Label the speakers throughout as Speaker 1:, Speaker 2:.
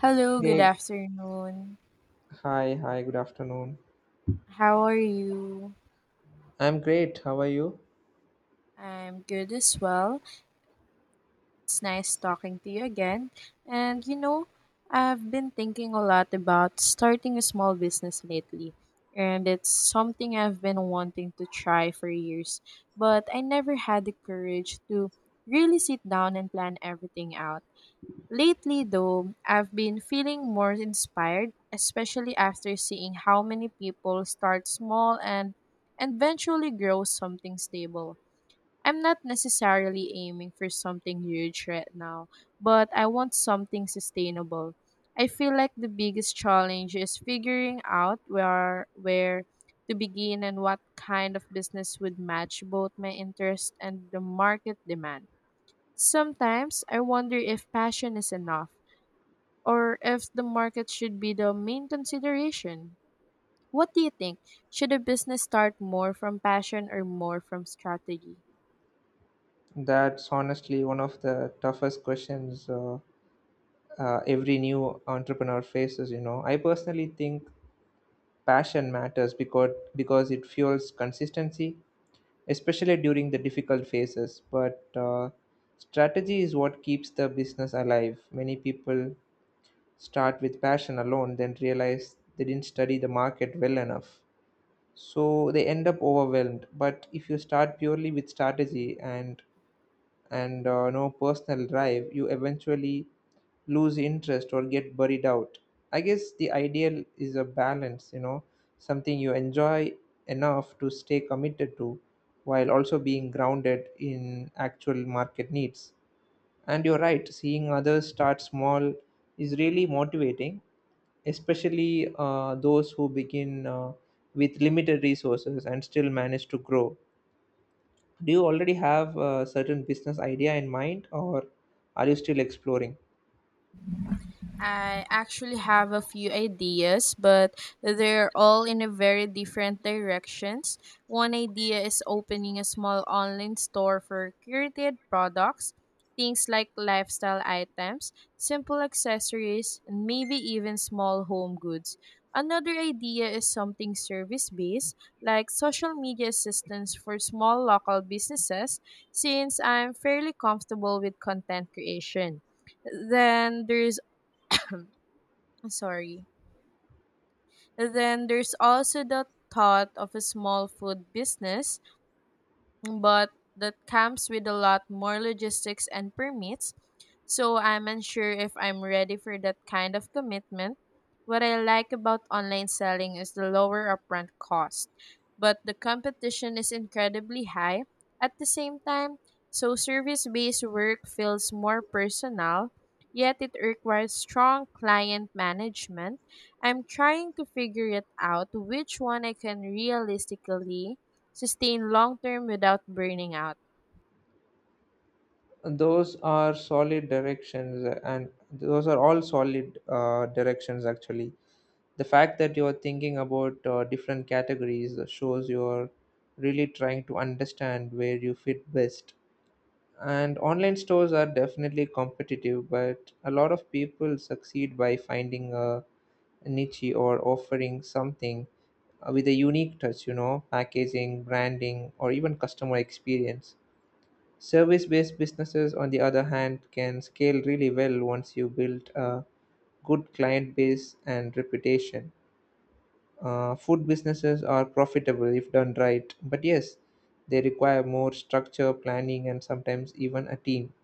Speaker 1: Hello, good
Speaker 2: Hey,
Speaker 1: afternoon.
Speaker 2: hi, good afternoon.
Speaker 1: How are you?
Speaker 2: I'm great. How are you?
Speaker 1: I'm good as well. It's nice talking to you again. And you know, I've been thinking a lot about starting a small business lately, and it's something I've been wanting to try for years, but I never had the courage to really sit down and plan everything out. Lately, though, I've been feeling more inspired, especially after seeing how many people start small and eventually grow something stable. I'm not necessarily aiming for something huge right now, but I want something sustainable. I feel like the biggest challenge is figuring out where to begin and what kind of business would match both my interest and the market demand. Sometimes I wonder if passion is enough or if the market should be the main consideration. What do you think? Should a business start more from passion or more from strategy?
Speaker 2: That's honestly one of the toughest questions every new entrepreneur faces, you know. I personally think passion matters because it fuels consistency, especially during the difficult phases, but strategy is what keeps the business alive. Many people start with passion alone, then realize they didn't study the market well enough. So they end up overwhelmed. But if you start purely with strategy and no personal drive, you eventually lose interest or get buried out. I guess the ideal is a balance, you know, something you enjoy enough to stay committed to, while also being grounded in actual market needs. And you're right, seeing others start small is really motivating, especially those who begin with limited resources and still manage to grow. Do you already have a certain business idea in mind, or are you still exploring?
Speaker 1: I actually have a few ideas, but they're all in a very different directions. One idea is opening a small online store for curated products, things like lifestyle items, simple accessories, and maybe even small home goods. Another idea is something service based, like social media assistance for small local businesses, since I'm fairly comfortable with content creation. Then there's sorry. Then there's also the thought of a small food business, but that comes with a lot more logistics and permits. So I'm unsure if I'm ready for that kind of commitment. What I like about online selling is the lower upfront cost, but the competition is incredibly high. At the same time, so service based work feels more personal, yet it requires strong client management. I'm trying to figure it out which one I can realistically sustain long term without burning out?
Speaker 2: Those are all solid directions actually. The fact that you're thinking about different categories shows you're really trying to understand where you fit best. And online stores are definitely competitive, but a lot of people succeed by finding a niche or offering something with a unique touch, you know, packaging, branding, or even customer experience. Service based businesses, on the other hand, can scale really well once you build a good client base and reputation. Food businesses are profitable if done right, but yes, they require more structure, planning, and sometimes even a team.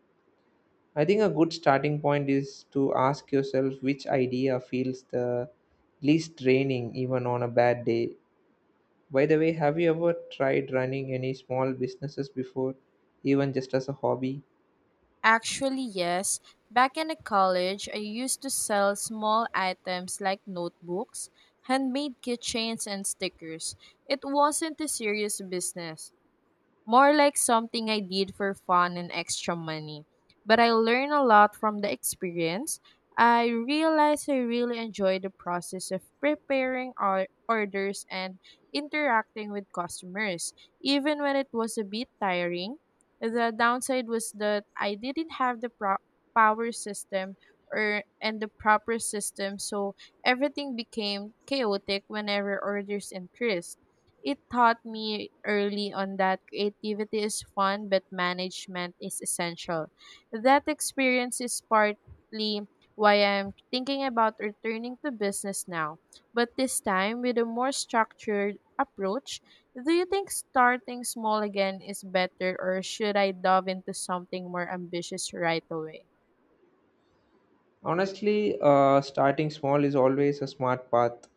Speaker 2: I think a good starting point is to ask yourself which idea feels the least draining even on a bad day. By the way, have you ever tried running any small businesses before, even just as a hobby?
Speaker 1: Actually, yes. Back in the college, I used to sell small items like notebooks, handmade keychains, and stickers. It wasn't a serious business, more like something I did for fun and extra money. But I learned a lot from the experience. I realized I really enjoy the process of preparing our orders and interacting with customers, even when it was a bit tiring. The downside was that I didn't have the power system or and the proper system, so everything became chaotic whenever orders increased. It taught me early on that creativity is fun, but management is essential. That experience is partly why I'm thinking about returning to business now, but this time with a more structured approach. Do you think starting small again is better, or should I dive into something more ambitious right away?
Speaker 2: Honestly, starting small is always a smart path.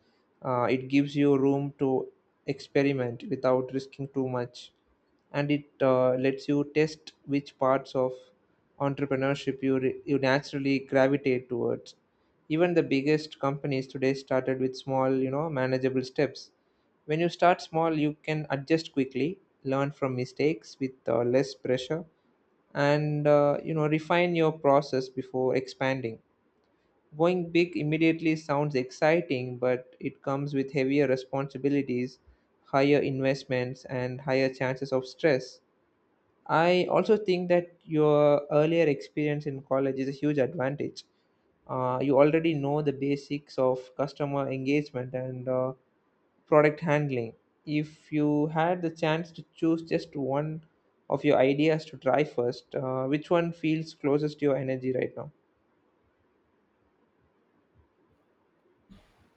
Speaker 2: It gives you room to experiment without risking too much, and it lets you test which parts of entrepreneurship you naturally gravitate towards. Even the biggest companies today started with small, you know, manageable steps. When you start small, you can adjust quickly, learn from mistakes with less pressure, and you know, refine your process before expanding. Going big immediately sounds exciting, but it comes with heavier responsibilities, higher investments, and higher chances of stress. I also think that your earlier experience in college is a huge advantage. You already know the basics of customer engagement and product handling. If you had the chance to choose just one of your ideas to try first, which one feels closest to your energy right now?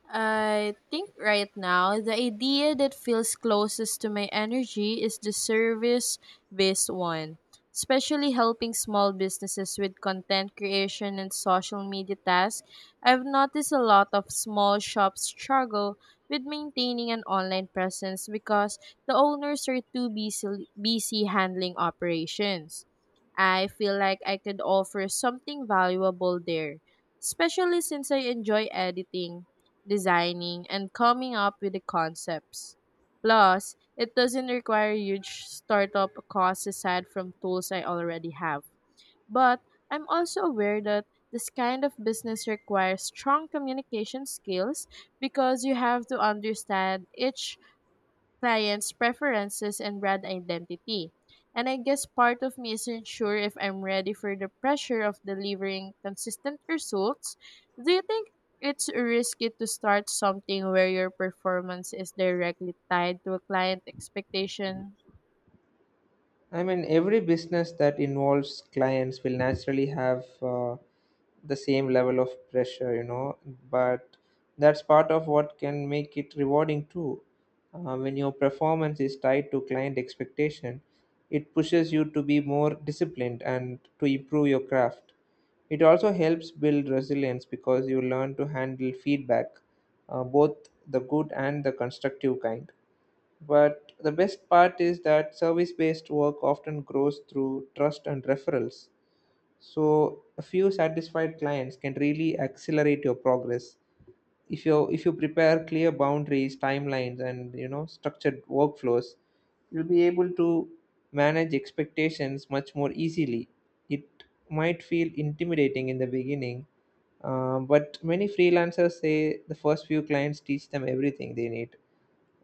Speaker 1: I think right now the idea that feels closest to my energy is the service based one, especially helping small businesses with content creation and social media tasks. I've noticed a lot of small shops struggle with maintaining an online presence because the owners are too busy handling operations. I feel like I could offer something valuable there, especially since I enjoy editing, designing, and coming up with the concepts. Plus, it doesn't require huge startup costs aside from tools I already have. But I'm also aware that this kind of business requires strong communication skills because you have to understand each clients' preferences and brand identity. And I guess part of me isn't sure if I'm ready for the pressure of delivering consistent results. Do you think it's risky to start something where your performance is directly tied to a client expectation?
Speaker 2: I mean, every business that involves clients will naturally have the same level of pressure, you know, but that's part of what can make it rewarding too. When your performance is tied to client expectation, it pushes you to be more disciplined and to improve your craft. It also helps build resilience because you learn to handle feedback, both the good and the constructive kind. But the best part is that service based work often grows through trust and referrals. So a few satisfied clients can really accelerate your progress. If you prepare clear boundaries, timelines, and you know, structured workflows, you'll be able to manage expectations much more easily. It might feel intimidating in the beginning, but many freelancers say the first few clients teach them everything they need.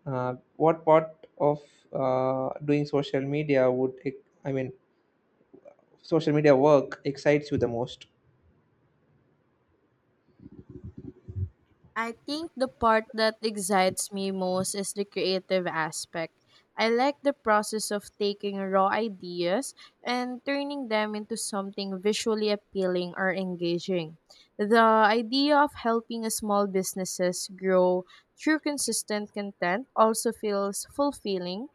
Speaker 2: What part of doing social media would ex- I mean social media work excites you the most?
Speaker 1: I think the part that excites me most is the creative aspect. I like the process of taking raw ideas and turning them into something visually appealing or engaging. The idea of helping small businesses grow through consistent content also feels fulfilling.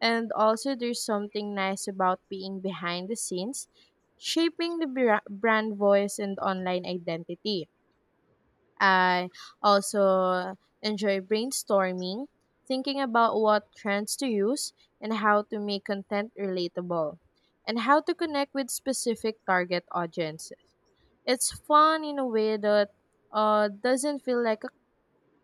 Speaker 1: And also, there's something nice about being behind the scenes, shaping the brand voice and online identity. I also enjoy brainstorming, thinking about what trends to use and how to make content relatable and how to connect with specific target audiences. It's fun in a way that doesn't feel like a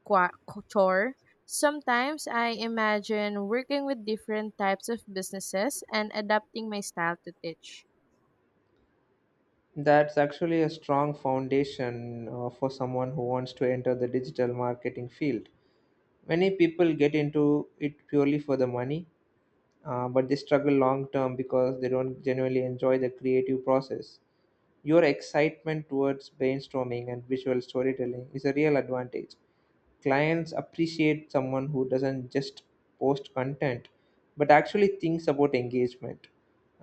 Speaker 1: qua- chore. Sometimes I imagine working with different types of businesses and adapting my style to teach.
Speaker 2: That's actually a strong foundation for someone who wants to enter the digital marketing field. Many people get into it purely for the money, but they struggle long term because they don't genuinely enjoy the creative process. Your excitement towards brainstorming and visual storytelling is a real advantage. Clients appreciate someone who doesn't just post content but actually thinks about engagement,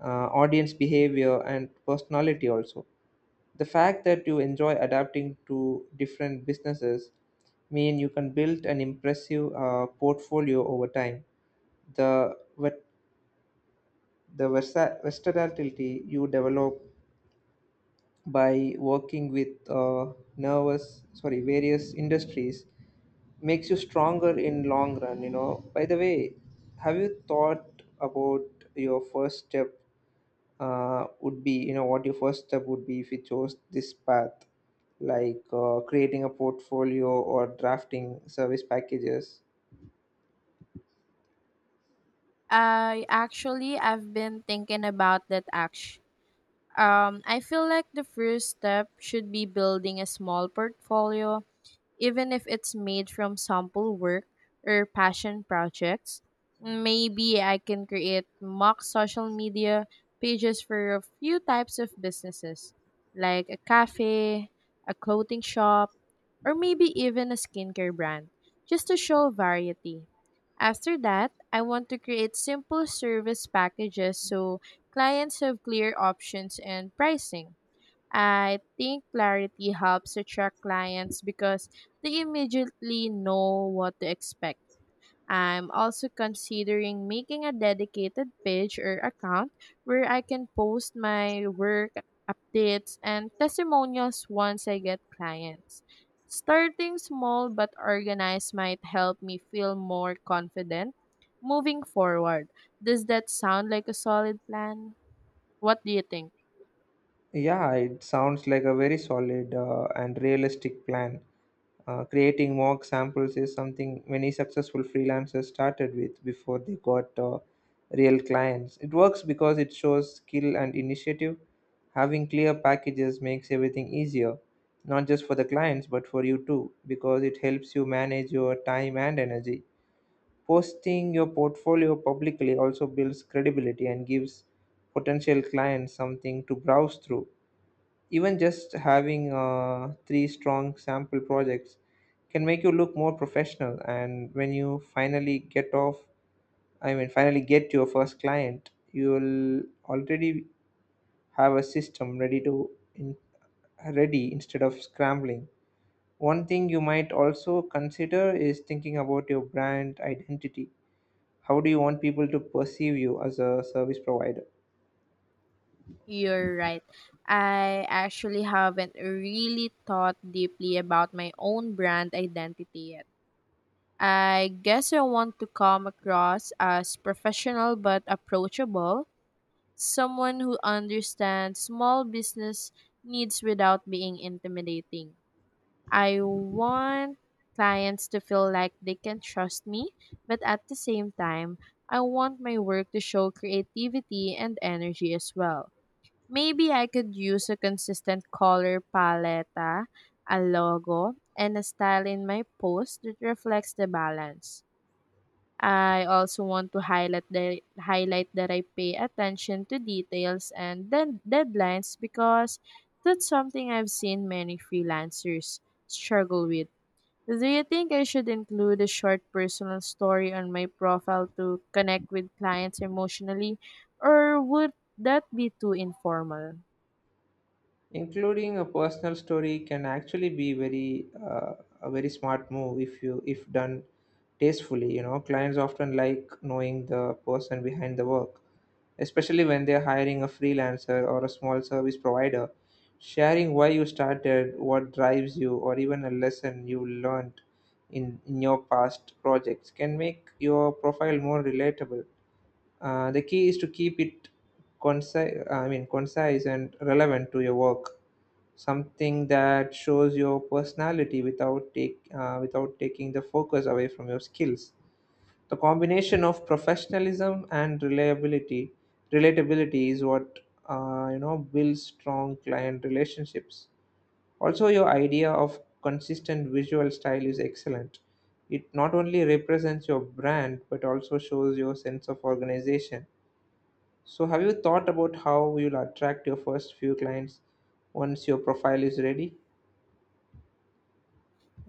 Speaker 2: audience behavior, and personality. Also, the fact that you enjoy adapting to different businesses mean you can build an impressive portfolio over time. The ver- the versa- versatility you develop by working with nervous sorry various industries makes you stronger in long run, you know. By the way, have you thought about your first step would be you know what your first step would be if you chose this path, like creating a portfolio or drafting service packages?
Speaker 1: I've been thinking about that act. I feel like the first step should be building a small portfolio, even if it's made from sample work or passion projects. Maybe I can create mock social media pages for a few types of businesses, like a cafe, a clothing shop, or maybe even a skincare brand, just to show variety. After that, I want to create simple service packages so clients have clear options and pricing. I think clarity helps attract clients because they immediately know what to expect. I'm also considering making a dedicated page or account where I can post my work, updates, and testimonials once I get clients. Starting small but organized might help me feel more confident moving forward. Does that sound like a solid plan? What do you think?
Speaker 2: Yeah, it sounds like a very solid and realistic plan. Creating mock samples is something many successful freelancers started with before they got real clients. It works because it shows skill and initiative. Having clear packages makes everything easier, not just for the clients but for you too, because it helps you manage your time and energy. Posting your portfolio publicly also builds credibility and gives potential clients something to browse through. Even just having 3 strong sample projects can make you look more professional. And when you finally get off, I mean, finally get your first client, you'll already have a system in, ready instead of scrambling. One thing you might also consider is thinking about your brand identity. How do you want people to perceive you as a service provider?
Speaker 1: You're right. I actually haven't really thought deeply about my own brand identity yet. I guess I want to come across as professional but approachable, someone who understands small business needs without being intimidating. I want clients to feel like they can trust me, but at the same time, I want my work to show creativity and energy as well. Maybe I could use a consistent color palette, a logo, and a style in my post that reflects the balance. I also want to highlight that I pay attention to details and then deadlines because that's something I've seen many freelancers struggle with. Do you think I should include a short personal story on my profile to connect with clients emotionally, or would that be too informal?
Speaker 2: Including a personal story can actually be very a very smart move if you if done tastefully. You know, clients often like knowing the person behind the work, especially when they're hiring a freelancer or a small service provider. Sharing why you started, what drives you, or even a lesson you learned in your past projects can make your profile more relatable. Uh, the key is to keep it concise I mean concise and relevant to your work, something that shows your personality without take without taking the focus away from your skills. The combination of professionalism and reliability relatability is what you know, builds strong client relationships. Also, your idea of consistent visual style is excellent. It not only represents your brand but also shows your sense of organization. So have you thought about how you'll attract your first few clients once your profile is ready?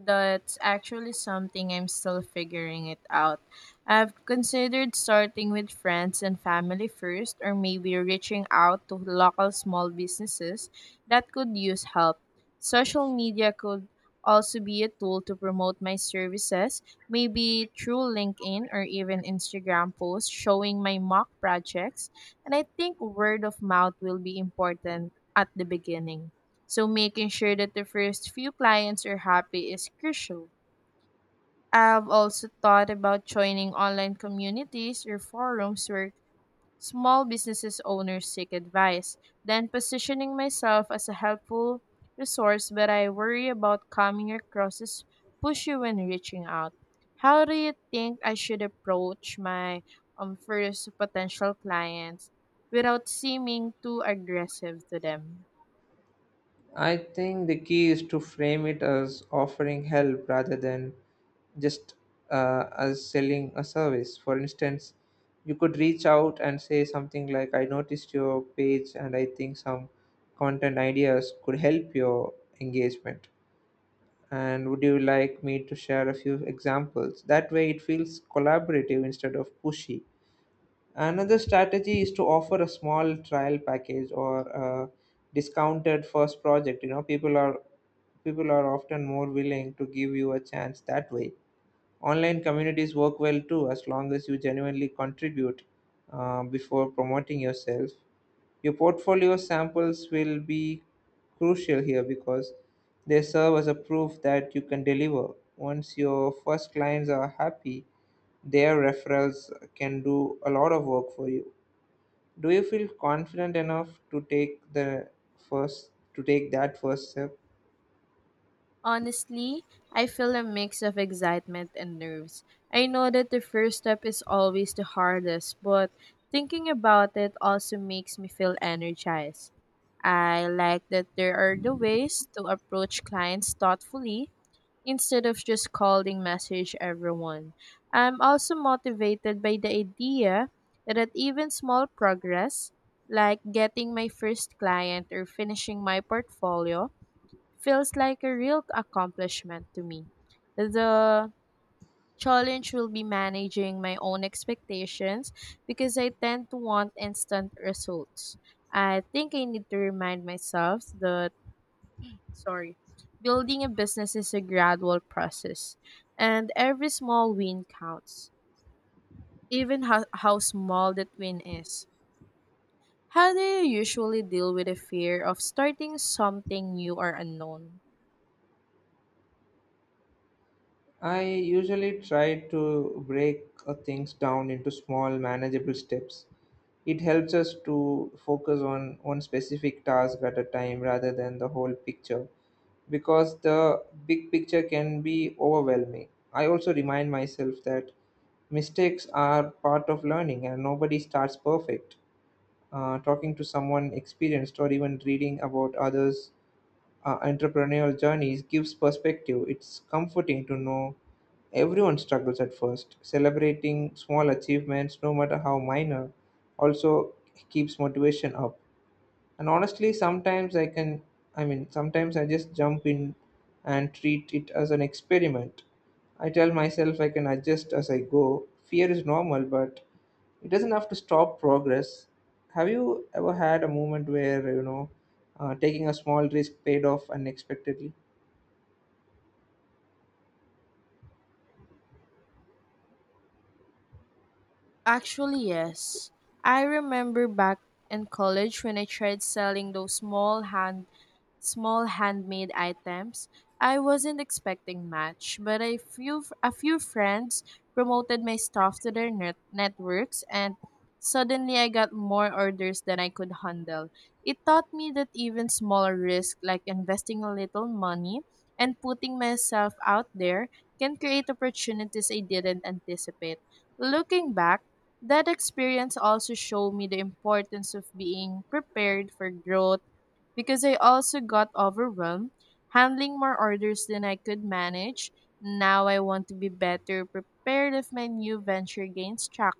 Speaker 1: That's actually something I'm still figuring it out. I've considered starting with friends and family first, or maybe reaching out to local small businesses that could use help. Social media could also be a tool to promote my services, maybe through LinkedIn or even Instagram posts showing my mock projects. And I think word of mouth will be important at the beginning. So making sure that the first few clients are happy is crucial. I've also thought about joining online communities or forums where small businesses owners seek advice, then positioning myself as a helpful resource, but I worry about coming across as pushy when reaching out. How do you think I should approach my first potential clients without seeming too aggressive to them?
Speaker 2: I think the key is to frame it as offering help rather than just as selling a service. For instance, you could reach out and say something like, "I noticed your page and I think some content ideas could help your engagement. And would you like me to share a few examples?" That way, it feels collaborative instead of pushy. Another strategy is to offer a small trial package or a discounted first project. You know, people are often more willing to give you a chance that way. Online communities work well too, as long as you genuinely contribute before promoting yourself. Your portfolio samples will be crucial here because they serve as a proof that you can deliver. Once your first clients are happy, their referrals can do a lot of work for you. Do you feel confident enough first to take that first step?
Speaker 1: Honestly, I feel a mix of excitement and nerves. I know that the first step is always the hardest, but thinking about it also makes me feel energized. I like that there are the ways to approach clients thoughtfully instead of just calling message everyone. I'm also motivated by the idea that at even small progress, like getting my first client or finishing my portfolio, feels like a real accomplishment to me. The challenge will be managing my own expectations because I tend to want instant results. I think I need to remind myself that, sorry, building a business is a gradual process and every small win counts, even how small that win is. How do you usually deal with the fear of starting something new or unknown?
Speaker 2: I usually try to break things down into small manageable steps. It helps us to focus on one specific task at a time rather than the whole picture, because the big picture can be overwhelming. I also remind myself that mistakes are part of learning and nobody starts perfect. Talking to someone experienced or even reading about others' entrepreneurial journeys gives perspective. It's comforting to know everyone struggles at first. Celebrating small achievements, no matter how minor, also keeps motivation up. And honestly, sometimes I can I mean sometimes I just jump in and treat it as an experiment. I tell myself I can adjust as I go. Fear is normal, but it doesn't have to stop progress. Have you ever had a moment where, you know, taking a small risk paid off unexpectedly?
Speaker 1: Actually, yes. I remember back in college when I tried selling those small handmade items. I wasn't expecting much, but a few friends promoted my stuff to their networks and suddenly I got more orders than I could handle. It taught me that even small risks, like investing a little money and putting myself out there, can create opportunities I didn't anticipate. Looking back, that experience also showed me the importance of being prepared for growth because I also got overwhelmed handling more orders than I could manage. Now I want to be better prepared if my new venture gains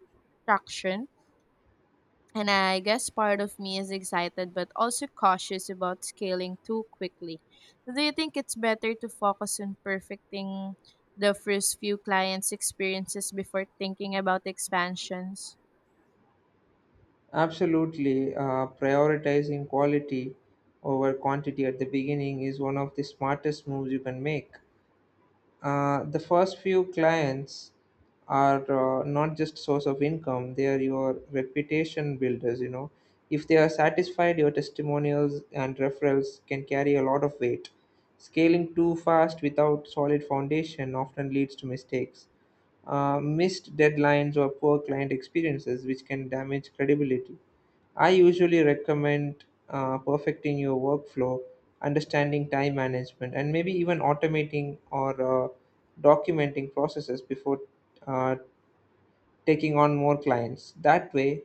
Speaker 1: traction. And I guess part of me is excited but also cautious about scaling too quickly. Do you think it's better to focus on perfecting the first few clients' experiences before thinking about expansions?
Speaker 2: Absolutely. Prioritizing quality over quantity at the beginning is one of the smartest moves you can make. The first few clients are not just source of income, they are your reputation builders, you know. If they are satisfied, your testimonials and referrals can carry a lot of weight. Scaling too fast without solid foundation often leads to mistakes, missed deadlines, or poor client experiences, which can damage credibility. I usually recommend perfecting your workflow, understanding time management, and maybe even automating or documenting processes before uh, taking on more clients. That way,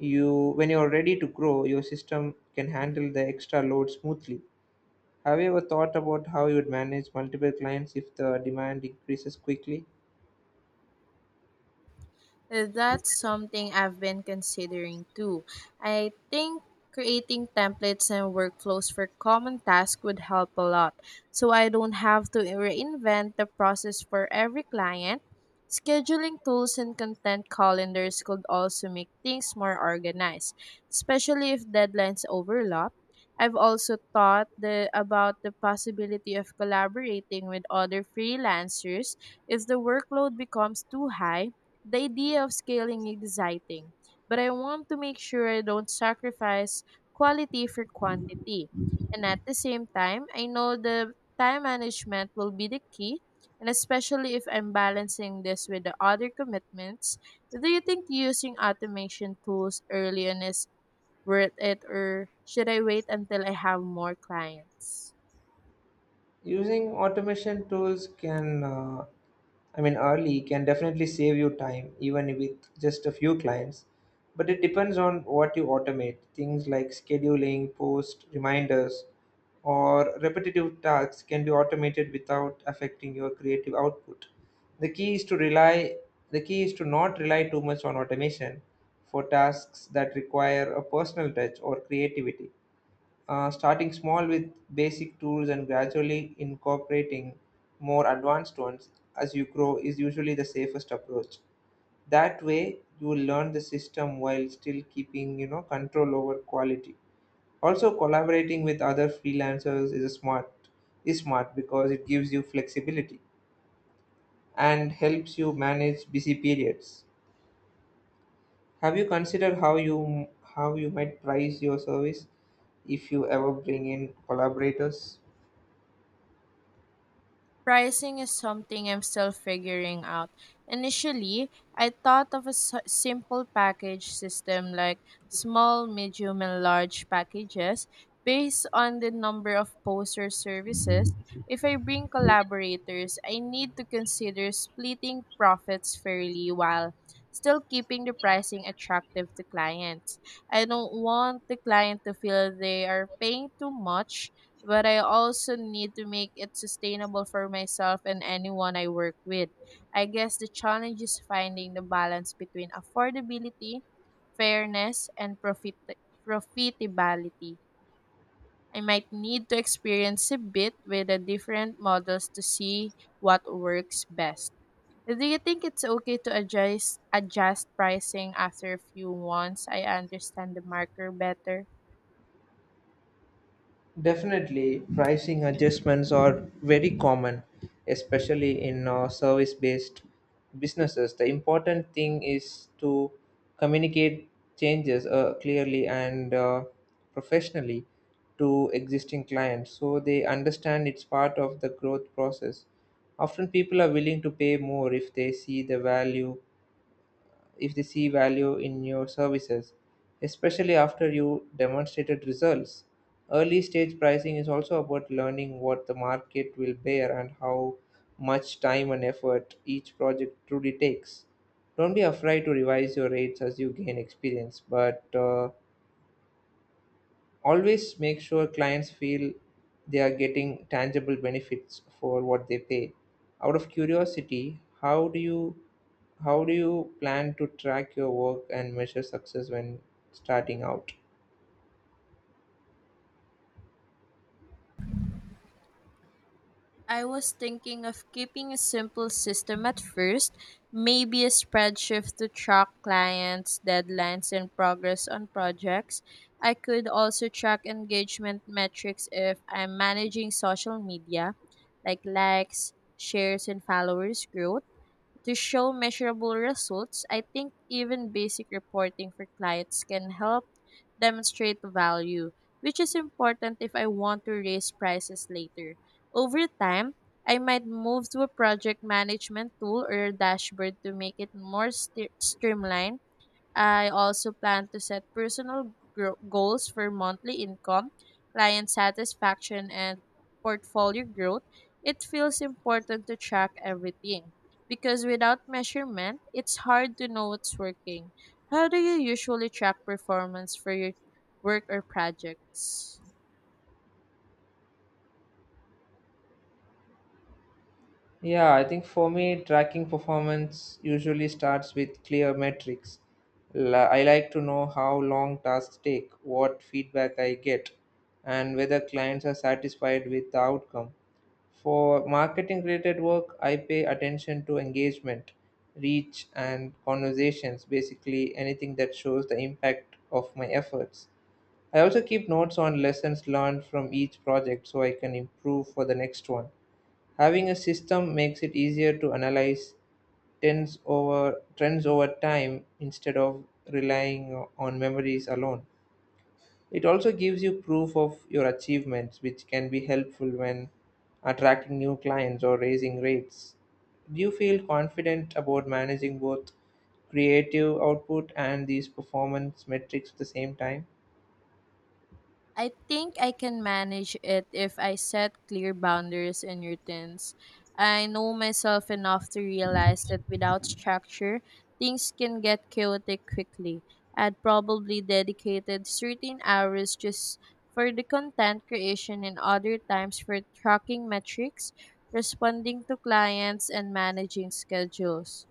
Speaker 2: you when you're ready to grow, your system can handle the extra load smoothly. Have you ever thought about how you would manage multiple clients if the demand increases quickly?
Speaker 1: That's something I've been considering too. I think creating templates and workflows for common tasks would help a lot, so I don't have to reinvent the process for every client. Scheduling tools and content calendars could also make things more organized, especially if deadlines overlap. I've also about the possibility of collaborating with other freelancers if the workload becomes too high. The idea of scaling is exciting, but I want to make sure I don't sacrifice quality for quantity. And at the same time, I know the time management will be the key, and especially if I'm balancing this with the other commitments. Do you think using automation tools early on is worth it, or should I wait until I have more clients?
Speaker 2: Using automation tools can, I mean, early can definitely save you time, even with just a few clients. But it depends on what you automate. Things like scheduling, post, reminders, or repetitive tasks can be automated without affecting your creative output. The key is to rely the key is to not rely too much on automation for tasks that require a personal touch or creativity. Starting small with basic tools and gradually incorporating more advanced ones as you grow is usually the safest approach. That way, you will learn the system while still keeping control over quality. Also, collaborating with other freelancers is a smart is smart because it gives you flexibility and helps you manage busy periods. Have you considered how you might price your service if you ever bring in collaborators?
Speaker 1: Pricing is something I'm still figuring out. Initially, I thought of a simple package system like small, medium, and large packages based on the number of posts or services. If I bring collaborators, I need to consider splitting profits fairly while still keeping the pricing attractive to clients. I don't want the client to feel they are paying too much, but I also need to make it sustainable for myself and anyone I work with. I guess the challenge is finding the balance between affordability, fairness, and profitability. I might need to experience a bit with the different models to see what works best. Do you think it's okay to adjust pricing after a few months? I understand the marker better.
Speaker 2: Definitely, pricing adjustments are very common, especially in service based businesses. The important thing is to communicate changes clearly and professionally to existing clients so they understand it's part of the growth process. Often, people are willing to pay more if they see the value if they see value in your services, especially after you demonstrated results. Early stage pricing is also about learning what the market will bear and how much time and effort each project truly takes. Don't be afraid to revise your rates as you gain experience, but always make sure clients feel they are getting tangible benefits for what they pay. Out of curiosity, how do you plan to track your work and measure success when starting out?
Speaker 1: I was thinking of keeping a simple system at first, maybe a spreadsheet to track clients, deadlines, and progress on projects. I could also track engagement metrics if I'm managing social media, like likes, shares, and followers growth. To show measurable results, I think even basic reporting for clients can help demonstrate value, which is important if I want to raise prices later. Over time, I might move to a project management tool or a dashboard to make it more streamlined. I also plan to set personal goals for monthly income, client satisfaction, and portfolio growth. It feels important to track everything because without measurement, it's hard to know what's working. How do you usually track performance for your work or projects?
Speaker 2: Yeah, I think for me, tracking performance usually starts with clear metrics. I like to know how long tasks take, what feedback I get, and whether clients are satisfied with the outcome. For marketing related work, I pay attention to engagement, reach, and conversations, basically anything that shows the impact of my efforts. I also keep notes on lessons learned from each project so I can improve for the next one. Having a system makes it easier to analyze trends over time instead of relying on memories alone. It also gives you proof of your achievements, which can be helpful when attracting new clients or raising rates. Do you feel confident about managing both creative output and these performance metrics at the same time?
Speaker 1: I think I can manage it if I set clear boundaries and routines. I know myself enough to realize that without structure, things can get chaotic quickly. I'd probably dedicated certain hours just for the content creation and other times for tracking metrics, responding to clients, and managing schedules.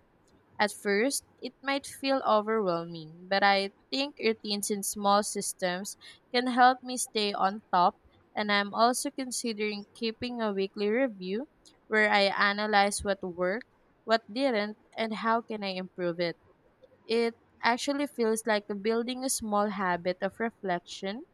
Speaker 1: At first, it might feel overwhelming, but I think routines in small systems can help me stay on top, and I'm also considering keeping a weekly review where I analyze what worked, what didn't, and how can I improve it. It actually feels like building a small habit of reflection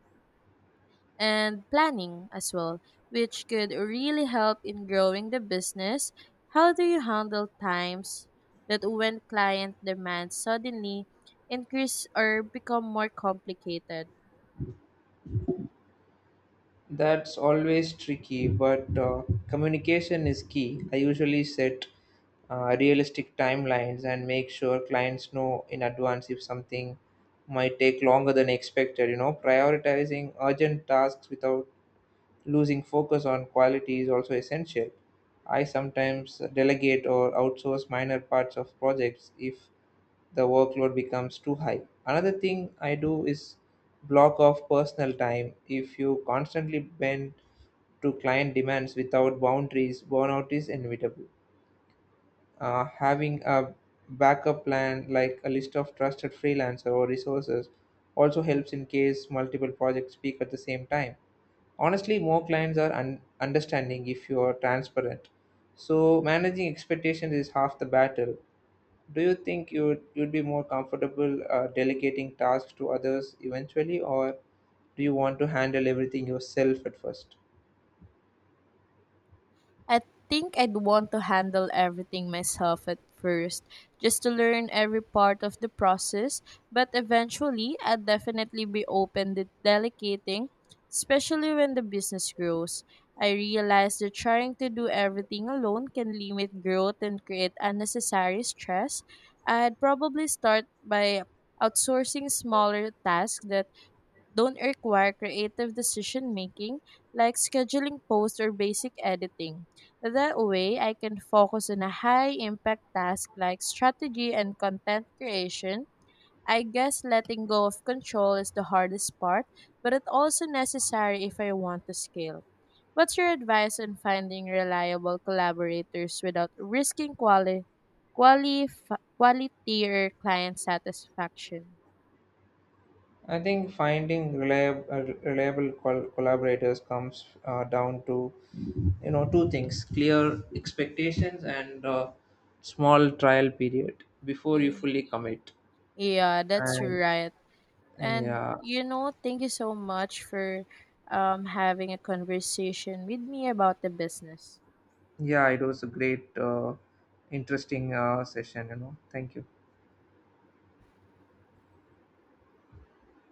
Speaker 1: and planning as well, which could really help in growing the business. How do you handle times that when client demands suddenly increase or become more complicated?
Speaker 2: That's always tricky, but communication is key. I usually set realistic timelines and make sure clients know in advance if something might take longer than expected. You know, prioritizing urgent tasks without losing focus on quality is also essential. I sometimes delegate or outsource minor parts of projects if the workload becomes too high. Another thing I do is block off personal time. If you constantly bend to client demands without boundaries, burnout is inevitable. Having a backup plan like a list of trusted freelancer or resources also helps in case multiple projects peak at the same time. Honestly, more clients are understanding if you are transparent, so managing expectations is half the battle. Do you think you'd be more comfortable delegating tasks to others eventually, or do you want to handle everything yourself at first?
Speaker 1: I think I'd want to handle everything myself at first, just to learn every part of the process, but eventually I'd definitely be open to delegating, especially when the business grows. I realize that trying to do everything alone can limit growth and create unnecessary stress. I'd probably start by outsourcing smaller tasks that don't require creative decision making, like scheduling posts or basic editing. That way, I can focus on a high impact task like strategy and content creation. I guess letting go of control is the hardest part, but it's also necessary if I want to scale. What's your advice on finding reliable collaborators without risking quality? quali- Quality or client satisfaction.
Speaker 2: I think finding reliable collaborators comes down to, you know, two things: clear expectations and small trial period before you
Speaker 1: Mm.
Speaker 2: fully commit
Speaker 1: Yeah, that's
Speaker 2: and
Speaker 1: right. And
Speaker 2: yeah.
Speaker 1: you know, thank you so much for having a conversation with me about the business.
Speaker 2: Yeah, it was a great, interesting session, you know. Thank you.